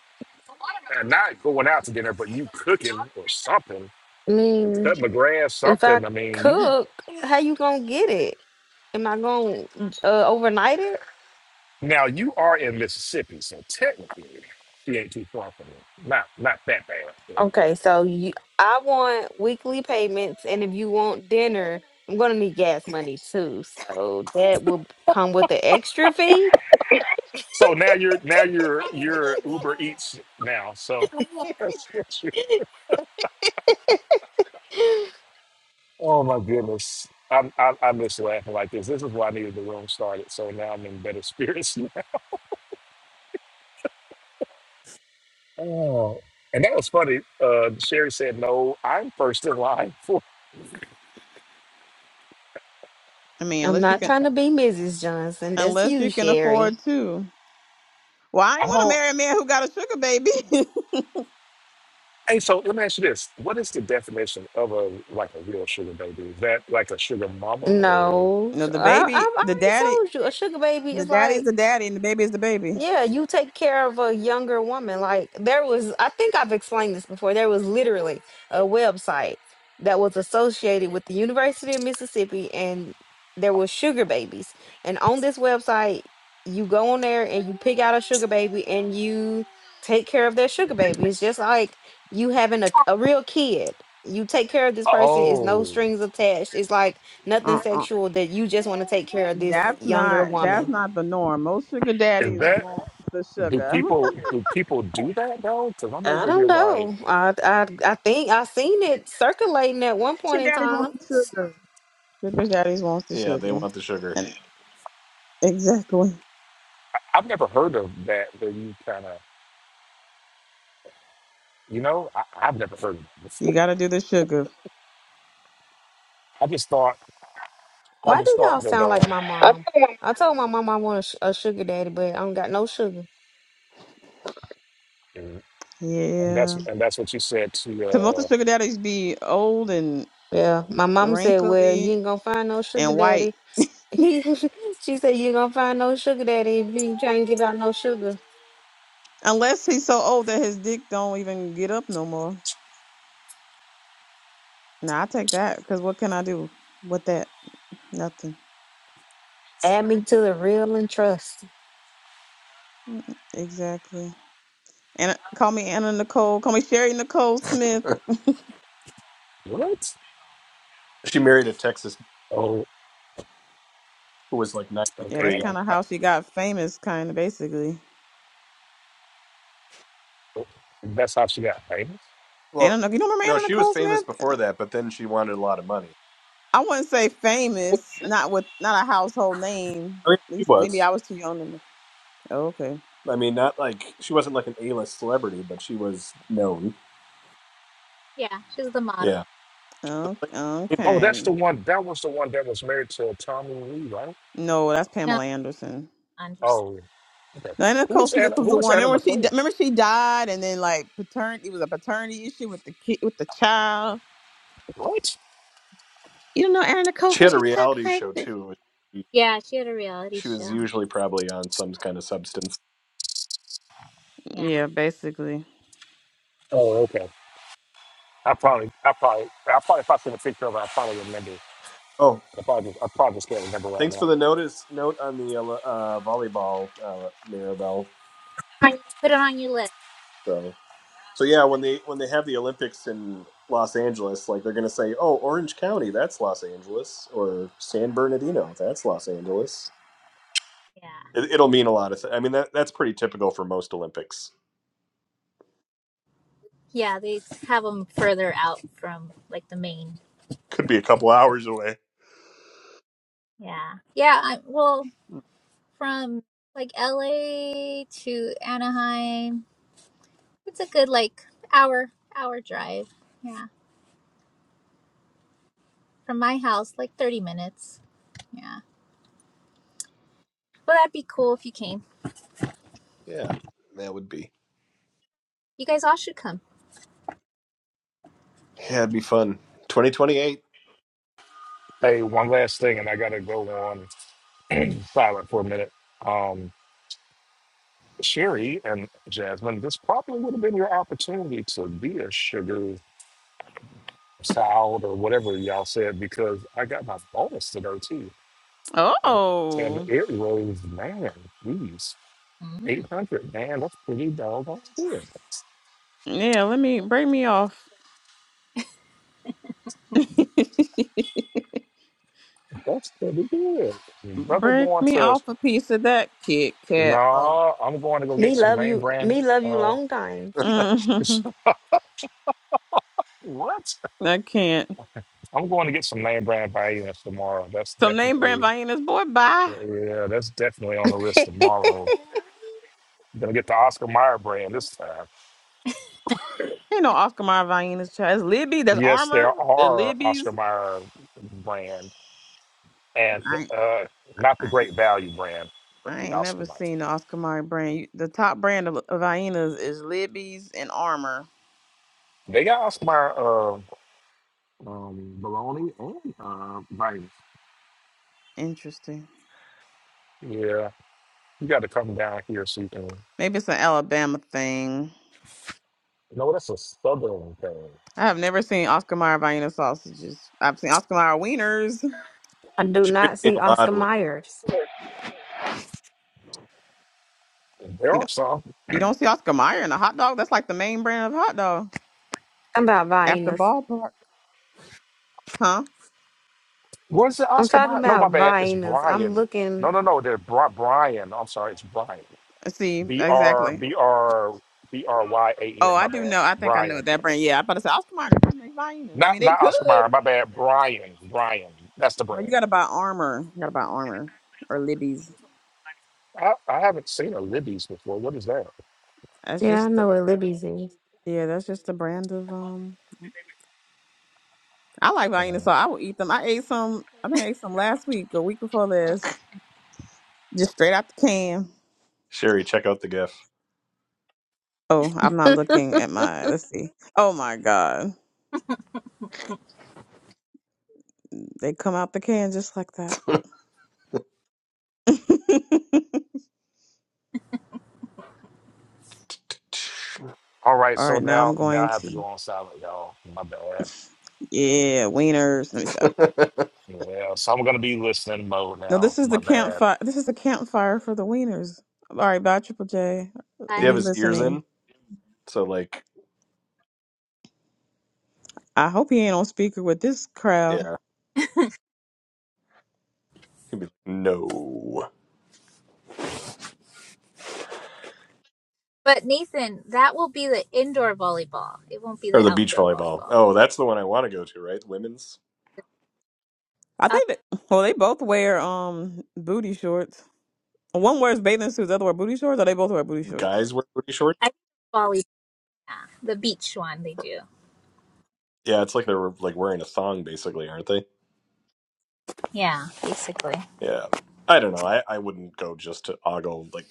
A: and not going out to dinner, but you cooking or something,
B: I
A: and
B: mean,
A: cutting the grass,
B: if I
A: something. I mean you
B: cook, how you gonna get it? Am I gonna uh, overnight it?
A: now you are in Mississippi, so technically she ain't too far from me. Not not that bad. but.
B: Okay, so you, I want weekly payments, and if you want dinner, I'm gonna need gas money too. So that will come with the extra fee.
A: So now you're now you're you're Uber Eats now. So that's what you. Oh my goodness, I'm, I I miss laughing like this. This is why I needed the room started. So now I'm in better spirits. now. Oh, and that was funny. Uh, Sherry said, "No, I'm first in line for."
C: I mean,
B: I'm
C: unless you
B: not
C: can
B: trying to be Mrs. Johnson. That's
C: unless
B: you,
C: you can
B: Sherry.
C: afford to. Well, I ain't
A: I
C: want to
A: don't.
C: marry a man who got a sugar baby.
A: Hey, so let me ask you this: What is the definition of a like a real sugar baby? Is that like a sugar mama or?
B: No,
C: no, the
B: I,
C: baby,
B: I've
C: the
B: already
C: daddy,
B: told you. A sugar baby
C: the
B: is like
C: daddy's the daddy, and the baby is the baby.
B: Yeah, you take care of a younger woman. Like there was, I think I've explained this before. There was literally a website that was associated with the University of Mississippi, and there was sugar babies. And on this website, you go on there and you pick out a sugar baby, and you take care of their sugar baby. It's just like you having a, a real kid. You take care of this person. It's no
A: Oh,
B: strings attached. It's like nothing
C: Uh-uh.
B: sexual. That you just want to take care of this
C: That's
B: younger
C: not that's
B: woman.
C: not the norm. Most sugar
A: is
C: daddies
A: that?
C: want the
A: Do
C: sugar.
A: people do people do that though? Because I'm
B: I
A: over here
B: don't
A: like.
B: know. I I I think I seen it circulating at one point
C: Sugar
B: in
C: daddies want
B: time.
C: the sugar. Sugar daddies want the
D: Yeah, they
C: sugar.
D: want the sugar.
C: And exactly.
A: I've never heard of that where you kind of, you know, I, I've never heard of that before.
C: You gotta do the sugar.
A: I just thought, I
B: Why
A: just
B: do y'all
A: thought that,
B: sound like
A: um,
B: my mom? I told my mom I want a, sh- a sugar daddy, but I don't got no sugar.
A: and and that's
C: Yeah.
A: and that's what you said to
C: Cause most of
A: uh,
C: the sugar daddies be old and
B: Yeah, my mom said, "Well, you
C: wrinkly
B: ain't gonna find no sugar
C: and white.
B: daddy." He, she said, "You ain't gonna find no sugar daddy if you can't give out no sugar."
C: Unless he's so old that his dick don't even get up no more. Nah, I take that. Cause what can I do with that? Nothing.
B: Add me to the real and trust.
C: Mm-mm. Exactly. And call me Anna Nicole. Call me Sherry Nicole Smith.
A: what?
D: She married a Texas
A: Oh,
D: who was like
C: Yeah,
A: okay,
C: that's
A: I
D: 93.
C: kind
A: don't.
C: of
A: I,
C: how she got famous, kind of basically.
A: oh, that's how she got right.
D: Well,
C: Anna, Nic- you don't
D: no,
C: remember Anna
D: she was
C: Nicole
D: famous before
C: Smith?
D: that, but then she wanted a lot of money.
C: I wouldn't say
D: I
C: famous, not with not a household name.
D: mean,
C: At
D: she
C: least maybe I
D: was.
C: was too young. To know. Okay,
D: I mean, not like she wasn't like an A-list celebrity, but she was known.
E: Yeah, she's the
D: Yeah,
E: model.
D: she was a Playboy.
C: okay,
D: playmate.
A: Oh, that's
C: okay.
A: the one. That was the one that was married to Tommy Lee, right?
C: No, that's
E: No,
C: Pamela Anderson.
E: Anderson.
A: Oh, okay.
C: No, Anna
A: Who
C: Nicole
A: was
C: Smith
A: Anna?
C: was
A: Who
C: the
A: was
C: one.
A: Anna
C: Remember she?
A: Nicole?
C: di- Remember she died, and then like paternity it was a paternity issue with the kid with the child.
A: What?
C: You don't know Anna Nicole
D: She had
C: Smith?
D: a
C: She talked
D: reality
C: like
D: show
C: this.
D: too. She
E: Yeah, she had a reality
D: she was
E: show.
D: usually probably on some kind of substance.
E: Yeah,
C: Yeah, basically.
A: Oh, okay. I probably, I probably, I probably, if I see the picture of her, I probably remember.
D: Oh,
A: I probably, I probably just can't remember right
D: thanks
A: now.
D: for the notice note on the uh, volleyball, uh, Mirabelle.
E: put it on your list.
D: So. So yeah, when they when they have the Olympics in Los Angeles, like they're gonna say, "Oh, Orange County, that's Los Angeles," or "San Bernardino, that's Los Angeles."
E: Yeah,
D: It, it'll mean a lot of. Th- I mean, that that's pretty typical for most Olympics.
E: yeah, they have them further out from like the main.
D: Could be a couple hours away.
E: Yeah, yeah. I, well, from like L.A. to Anaheim, it's a good like hour hour drive. Yeah, from my house, like thirty minutes. Yeah, well, that'd be cool if you came.
D: Yeah, that would be.
E: You guys all should come.
D: Yeah, it'd be fun. Twenty twenty eight.
A: Hey, one last thing, and I gotta go on. silent for a minute. Um, Sherry and Jasmine, this probably would have been your opportunity to be a sugar child or whatever y'all said because I got my bonus today too, and and
C: Oh.
A: it was man, please.
E: Mm.
A: 800, man, that's pretty doggone good.
C: Yeah, let me break me off.
A: That's pretty good. Brother
C: break
A: going
C: me
A: to,
C: off a piece of that Kit Kat. Oh.
A: nah, I'm going to go get
B: Me
A: some
B: love
A: name
B: you.
A: brand.
B: Me love you
A: Uh,
B: long time.
C: hmm
A: what?
C: I can't.
A: I'm going to get some name brand vitamins tomorrow. That's
C: Some name brand
A: definitely
C: Vienna's boy, bye.
A: Yeah, that's definitely on the list tomorrow. I'm gonna get the Oscar Mayer brand this time.
C: Ain't no Oscar Mayer Vienna's child. It's Libby. That's
A: Yes,
C: Armor.
A: there
C: The
A: are
C: Libby's.
A: Oscar Mayer brand and
C: I,
A: uh, not the
C: I
A: Great Value brand, but
C: I
A: the
C: ain't
A: Oscar
C: never
A: Mayer.
C: seen the Oscar Mayer brand. You- The top brand of, of Vienna's is Libby's and Armor.
A: They got Oscar Mayer uh, um, bologna and uh, vitamins.
C: Interesting.
A: Yeah, you got to come down here so you can.
C: Maybe it's an Alabama thing.
A: No, that's a southern thing.
C: I have never seen Oscar Mayer Vienna sausages. I've seen Oscar Mayer wieners.
B: I do
D: Sherry's
B: not
D: seen
B: see
D: a lot
B: Oscar
D: of.
B: Myers.
A: There are some.
C: You don't see Oscar Mayer in a hot dog. That's like the main brand of hot dog
B: I'm about
C: after
B: Viennas.
C: ballpark, huh?
A: Where's the
B: I'm
A: Oscar
B: talking
A: Mayer? No, my
B: about
A: bad. It's
B: Viennas. I'm
A: Brian.
B: looking.
A: No, no, no. They're Bri- Brian. I'm sorry. It's Brian.
C: See
A: B R
C: exactly.
A: B R B R Y A
C: Oh,
A: N. My
C: I do
A: bad,
C: know. I think I know
A: Brian.
C: that brand. Yeah, I about to say Oscar Mayer. They make violins. I
A: Not
C: mean, they
A: not
C: could.
A: Oscar Mayer. My bad, Brian. Brian. That's the
C: No,
A: brand.
C: you got to buy Armor. You got to buy Armor or Libby's.
A: I, I haven't seen a Libby's before. What is that?
C: That's
B: Yeah, I
C: just
B: know
C: the
B: where Libby's is.
C: yeah. That's just the brand of um. I like
A: Uh,
C: violins, so I will eat them. I ate some. I think I ate some last week or week before last, just straight out the can.
D: Sherry, check out the GIF.
C: Oh, I'm not looking at my. Let's see. Oh my God, they come out the can just like that.
A: all right,
C: All
A: so
C: right, now
A: now
C: I'm
A: now
C: going
A: I have to go
C: to
A: on silent, y'all. My bad.
C: yeah wieners. Let me stop.
A: Yeah, so I'm gonna be listening mode
C: No,
A: now.
C: this is
A: My
C: the
A: bad.
C: campfire. This is the campfire for the wieners. All right, bye, Triple J.
D: Does he
E: Bye.
D: have
C: Be
D: his ears
C: listening.
D: in? So like,
C: I hope he ain't on speaker with this crowd.
D: yeah, he'd be like, no.
E: But Nathan, that will be the indoor volleyball. It won't be
D: Or
E: the
D: the beach
E: outdoor
D: volleyball.
E: volleyball.
D: Oh, that's the one I want to go to, right? The women's.
C: I
E: Uh,
C: think that well, they both wear um booty shorts. One wears bathing suits, the other wear booty shorts. Or they both wear booty shorts.
D: guys wear booty shorts?
E: I volley the beach one they do.
D: Yeah, it's like they're like wearing a thong, basically, aren't they?
E: Yeah, basically.
D: Yeah, I don't know. I, I wouldn't go just to ogle like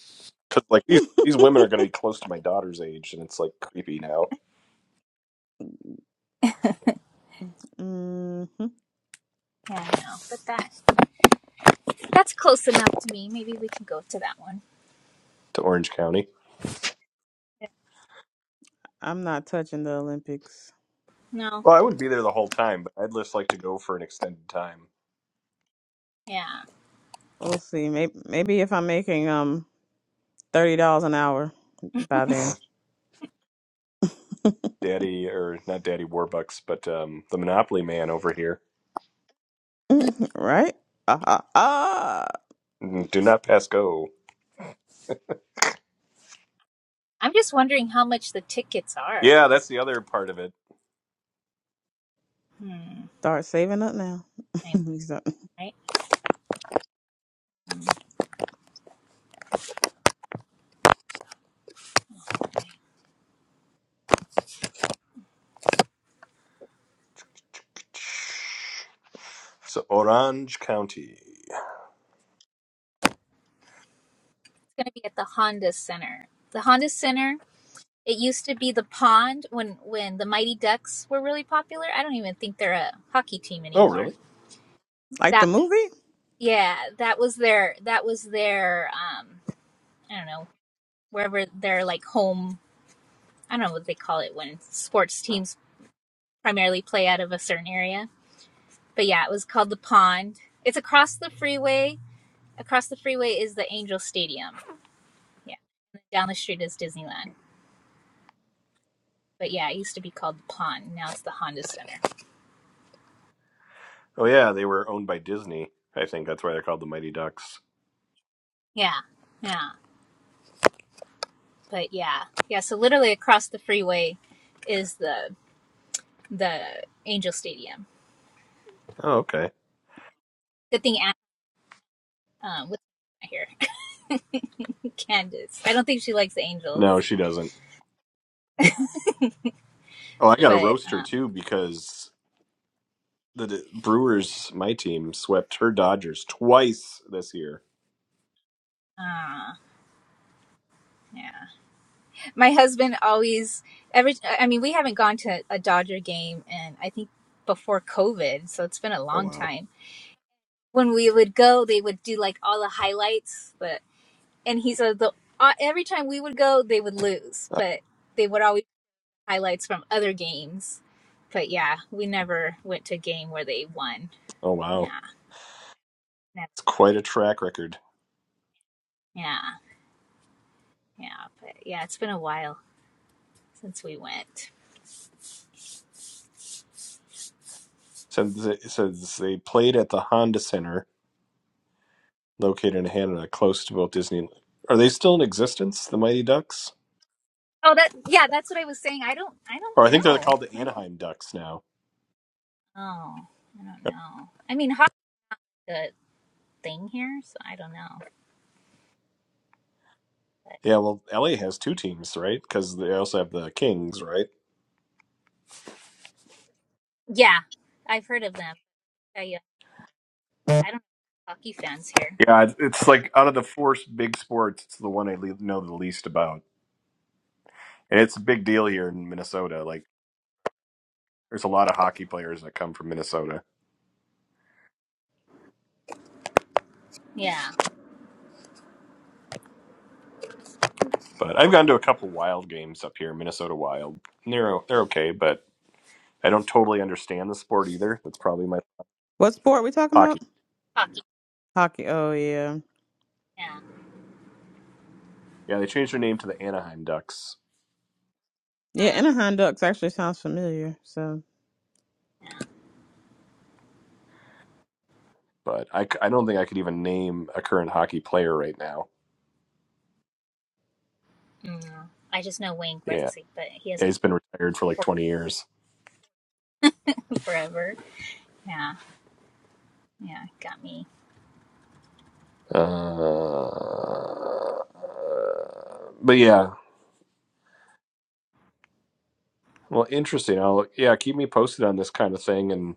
D: because like these these women are going to be close to my daughter's age, and it's like creepy now
C: hmm
E: Yeah, I know. But that that's close enough to me. Maybe we can go to that one.
D: to Orange County.
C: I'm not touching the Olympics.
E: No.
D: Well, I wouldn't be there the whole time, but I'd just like to go for an extended time.
E: Yeah.
C: We'll see. Maybe maybe if I'm making um thirty dollars an hour by then,
D: Daddy or not Daddy Warbucks, but um, the Monopoly man over here.
C: right? Ah ah ah.
D: Mm, Do not pass go.
E: I'm just wondering how much the tickets are.
D: Yeah, that's the other part of it.
E: Hmm.
C: Start saving up now.
E: I know,
C: Exactly.
E: right?
D: So Orange County.
E: It's gonna be at the Honda Center. The Honda Center. It used to be the pond when when the Mighty Ducks were really popular. I don't even think they're a hockey team
D: Oh, really?
E: anymore
C: like
E: That.
C: the movie?
E: Yeah, that was their that was their um I don't know, wherever their like home I don't know what they call it when sports teams primarily play out of a certain area. But yeah, it was called the pond. It's across the freeway. Across the freeway is the Angel Stadium. Yeah. And down the street is Disneyland. But yeah, it used to be called the pond. Now it's the Honda Center.
D: Oh yeah, they were owned by Disney. I think that's why they're called the Mighty Ducks.
E: Yeah. Yeah. But yeah. Yeah, so literally across the freeway is the the Angel Stadium.
D: Oh okay.
E: Good thing Anna, um, was here. Candace. I don't think she likes angels,
D: No, she doesn't. Oh, I got a
E: but
D: roaster
E: um,
D: too because the D- Brewers, my team, swept her Dodgers twice this year.
E: uh, yeah. My husband always every. I mean, we haven't gone to a Dodger game, and I think before COVID, so it's been a
D: Oh
E: long
D: wow.
E: time. When we would go, they would do like all the highlights, but and he said the uh, every time we would go, they would lose,
D: Uh,
E: but they would always do highlights from other games. But yeah, we never went to a game where they won.
D: Oh wow.
E: Yeah, never.
D: It's quite a track record.
E: Yeah, yeah. But yeah, it's been a while since we went.
D: Says it says they played at the Honda Center located in Hanada, close to both Disney. Are they still in existence, the Mighty Ducks?
E: Oh, that yeah, that's what I was saying. I don't, I don't
D: Or I think they're
E: know.
D: called the
E: I don't
D: Anaheim Ducks now.
E: know. I don't
D: Uh,
E: know. I mean, hockey's a thing here, so I don't know. But
D: Yeah, well, LA has two teams, right? Because they also have the Kings, right?
E: yeah, I've heard of them. I, uh, I don't know hockey fans here.
D: Yeah, it's it's like out of the four big sports, it's the one I le- know the least about, and it's a big deal here in Minnesota. Like, there's a lot of hockey players that come from Minnesota,
E: Yeah,
D: but I've gone to a couple Wild games up here, Minnesota Wild. And they're o- they're okay, but I don't totally understand the sport either. That's probably my
C: What sport we talking about?
D: hockey.
E: hockey.
C: Hockey. Oh yeah,
E: Yeah.
D: Yeah, they changed their name to the Anaheim Ducks,
C: yeah.
E: mm
C: Anaheim Ducks actually sounds familiar. So,
D: but I, c- I don't think I could even name a current hockey player right now.
E: mm. I just know Wayne
D: Yeah,
E: Gretzky, but he hasn't
D: he's been retired for like
E: played
D: 20 years.
E: for forever. Yeah, yeah, got me.
D: Uh, but yeah, Well, interesting. I'll yeah, keep me posted on this kind of thing, and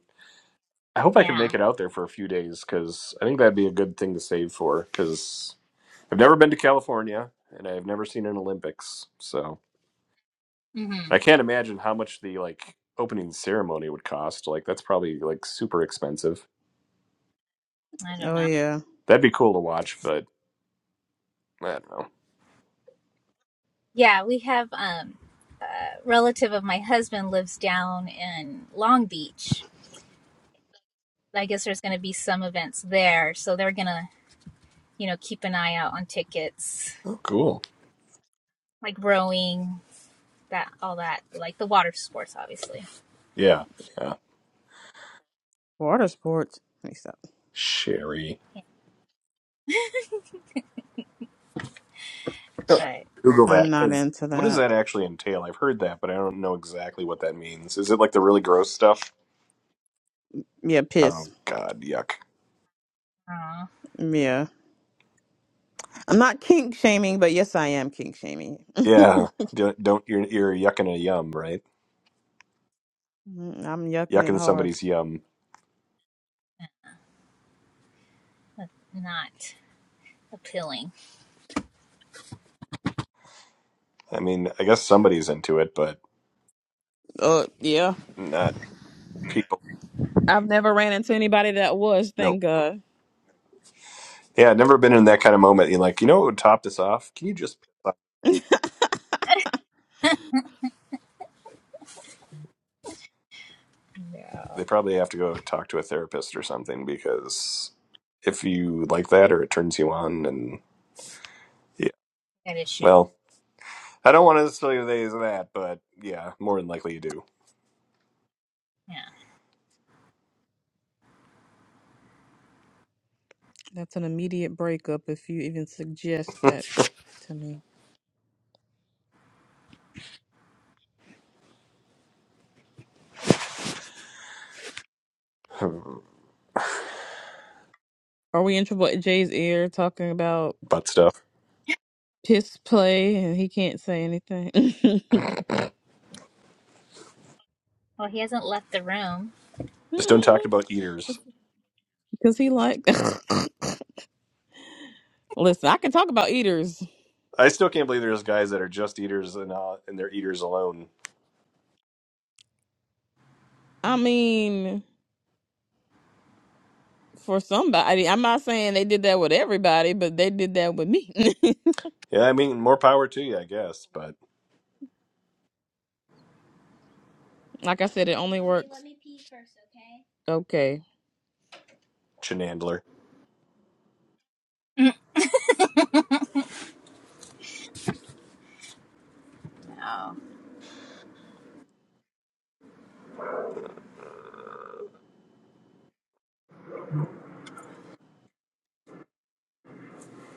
D: I hope I can
E: Yeah.
D: make it out there for a few days because I think that'd be a good thing to save for. Because I've never been to California, and I've never seen an Olympics, so
E: hmm
D: I can't imagine how much the like opening ceremony would cost. Like that's probably like super expensive.
E: I don't
C: oh
E: know.
C: yeah,
D: That'd be cool to watch, but I don't know.
E: Yeah, we have um, a relative of my husband lives down in Long Beach, I guess there's going to be some events there, so they're going to, you know, keep an eye out on tickets,
D: Oh, cool.
E: like rowing, that all that, like the water sports, obviously.
D: Yeah, yeah.
C: water sports. Let me stop.
D: Sherry,
E: Yeah,
D: Oh,
E: but
D: Google
E: but
C: I'm
E: yeah,
D: that
C: not
D: because
C: into
D: what does
C: that.
D: that actually entail? I've heard that, but I don't know exactly what that means. Is it like the really gross stuff?
C: Yeah, piss.
D: Oh God, yuck.
E: aw,
C: Yeah, I'm not kink shaming, but yes, I am kink shaming.
D: Yeah, don't, don't you're you're yucking a yum, right?
C: Mhm, I'm yucking it
D: Yucking
C: hard.
D: somebody's yum.
E: that's not appealing.
D: I mean, I guess somebody's into it, but
C: Uh, yeah.
D: not people.
C: I've never ran into anybody that was.
D: No.
C: Thank God.
D: Yeah, I've never been in that kind of moment. You're like, you know what would top this off? Can you just? piss off? They probably have to go talk to a therapist or something because if you like that or it turns you on, and yeah,
E: That issue.
D: well, I don't want to spill your days of that, but yeah, more than likely you do.
E: Yeah.
C: That's an immediate breakup if you even suggest that to me. Are we in Triple J's ear talking about?
D: Butt stuff.
C: piss play and he can't say anything
E: Well, he hasn't left the room.
D: Just don't talk about eaters.
C: because he like listen i can talk about eaters
D: I still can't believe there's guys that are just eaters and uh, and they're eaters alone.
C: i mean for somebody i'm not saying they did that with everybody but they did that with me
D: Yeah, I mean, more power to you, I guess. But
C: like i said it only works okay
D: Chenandler.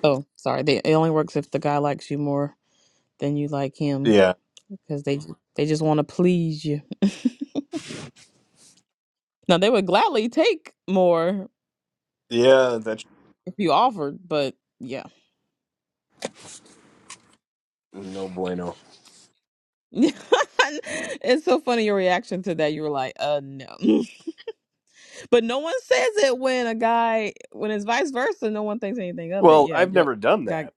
C: oh sorry they, it only works if the guy likes you more than you like him
D: Yeah,
C: because they they just want to please you now they would gladly take more
D: yeah, that's
C: if you offered but yeah
D: no bueno.
C: it's so funny your reaction to that. You were like, uh, no. but no one says it when a guy, when it's vice versa, no one thinks anything of it.
D: Well,
C: Yeah,
D: I've
C: girl,
D: never done
C: guy,
D: that.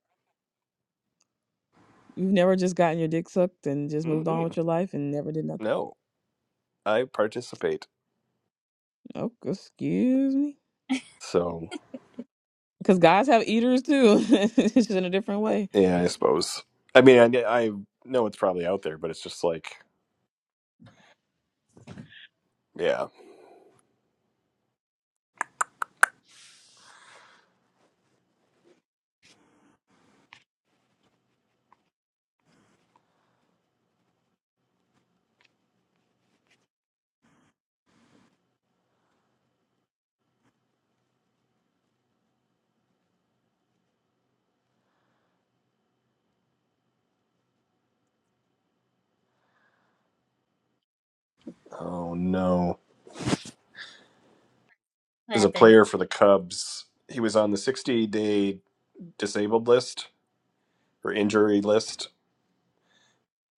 C: you've never just gotten your dick sucked and just moved on
D: Mm-mm.
C: with your life and never did nothing.
D: No, I participate.
C: Oh, excuse me.
D: So
C: Because guys have eaters too. it's just in a different way.
D: yeah, I suppose. I mean, I, I know it's probably out there, but it's just like, yeah. Oh no,
E: What
D: as a
E: happened?
D: player for the Cubs, he was on the 60 day disabled list or injury list.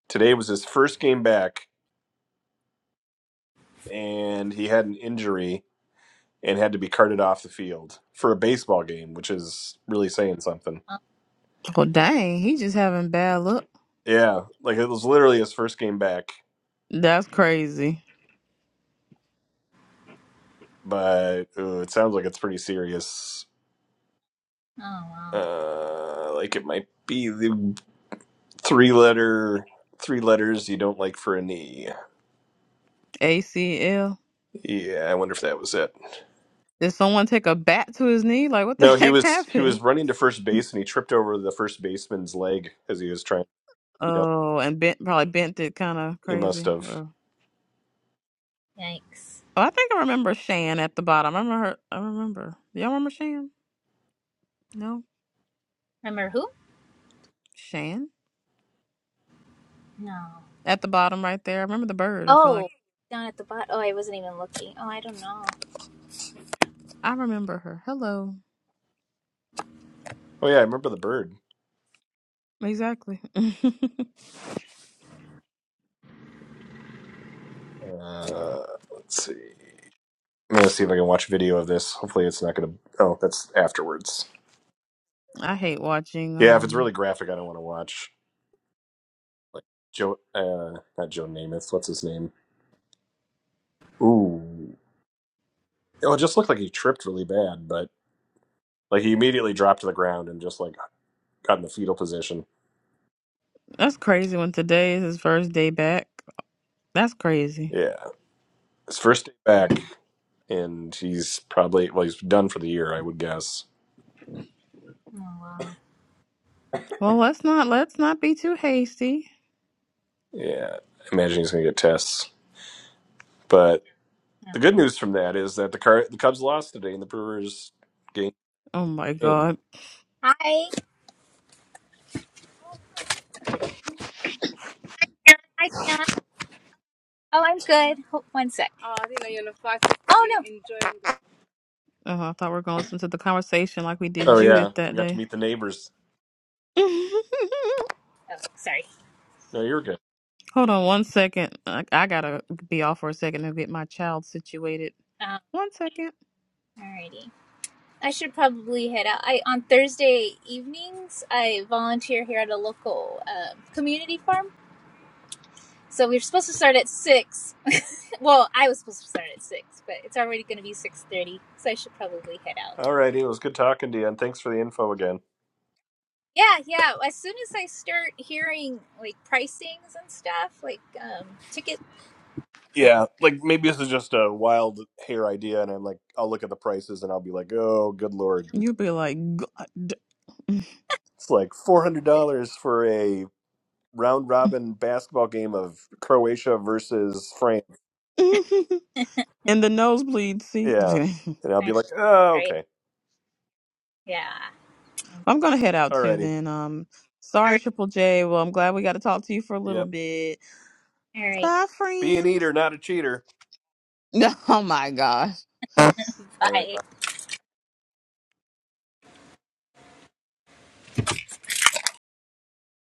D: Today was his first game back and he had an injury and had to be carted off the field for a baseball game, which is really saying something.
E: Oh,
C: Well, dang, he just having bad luck.
D: Yeah, like it was literally his first game back,
C: That's crazy.
D: but uh, it sounds like it's pretty serious.
E: oh wow.
D: Uh, like it might be the three letter three letters you don't like for a knee.
C: ACL.
D: Yeah, I wonder if that was it.
C: Did someone take a bat to his knee? Like, what the
D: No, he
C: heck
D: was he
C: happened?
D: was running to first base and he tripped over the first baseman's leg as he was trying to beat up.
C: Oh, and bent probably bent it kind of
D: He must
C: crazy.
D: have.
C: Or,
E: Yikes.
C: oh, I think I remember Shan at the bottom. I remember her. I remember. Y'all remember Shan? No,
E: Remember who?
C: Shan
E: No.
C: at the bottom right there. I remember the bird. I feel like
E: Oh, down at the bottom. Oh, I wasn't even looking. Oh, I don't know.
C: I remember her. Hello.
D: Oh yeah, I remember the bird.
C: Exactly.
D: Uh, let's see. I'm gonna see if I can watch video of this. Hopefully, it's not gonna. Oh, that's afterwards.
C: I hate watching.
D: Yeah, if it's really
C: Um,
D: graphic, I don't want to watch. Like Joe, uh, not Joe Namath. What's his name? Ooh. Oh, it just looked like he tripped really bad, but like he immediately dropped to the ground and just like got in the fetal position.
C: that's crazy. When today is his first day back, that's crazy.
D: Yeah, his first day
E: Hmm.
D: back, and he's probably well, he's done for the year, I would guess.
E: Oh wow.
C: Well, let's not let's not be too hasty.
D: Yeah, I imagine he's gonna get tests. But
E: Yeah.
D: the good news from that is that the car the Cubs lost today, and the Brewers gained.
C: Oh my
D: game.
C: God.
E: Hi. Hi, Dion. Oh, I'm good. Hold, one sec. Oh, I did you're on a flight. so Oh no. enjoying the
C: Oh, I thought we were gonna listen to the conversation like we did
D: Oh yeah,
C: Judith that
D: we got to
C: day.
D: meet the neighbors.
E: Oh, sorry.
D: No, you're good.
C: Hold on one second. I, I gotta be off for a second and get my child situated.
E: Um,
C: One second.
E: alrighty. I should probably head out. I on Thursday evenings I volunteer here at a local um, community farm. So we were supposed to start at six. well, I was supposed to start at six, but it's already going to be six thirty, so I should probably head out.
D: All righty, it was good talking to you, and thanks for the info again.
E: Yeah, yeah. As soon as I start hearing like pricings and stuff, like um, ticket. Um,
D: Yeah, like maybe this is just a wild hair idea, and I'm like, I'll look at the prices, and I'll be like, oh, good lord,
C: You'll be like, God.
D: it's like four hundred dollars for a round robin basketball game of Croatia versus France.
C: In the nosebleed seat.
D: Yeah, and I'll be like, oh,
E: right.
D: okay,
E: Yeah.
C: I'm gonna head out
D: all
C: too
D: righty,
C: then. Um,
E: All
C: sorry,
E: right.
C: Triple J. Well, I'm glad we got to talk to you for a little
D: yep,
C: bit.
E: All right.
C: Bye,
D: be an
C: friend.
D: eater, not a cheater.
C: Oh my gosh.
D: All right.
E: Bye.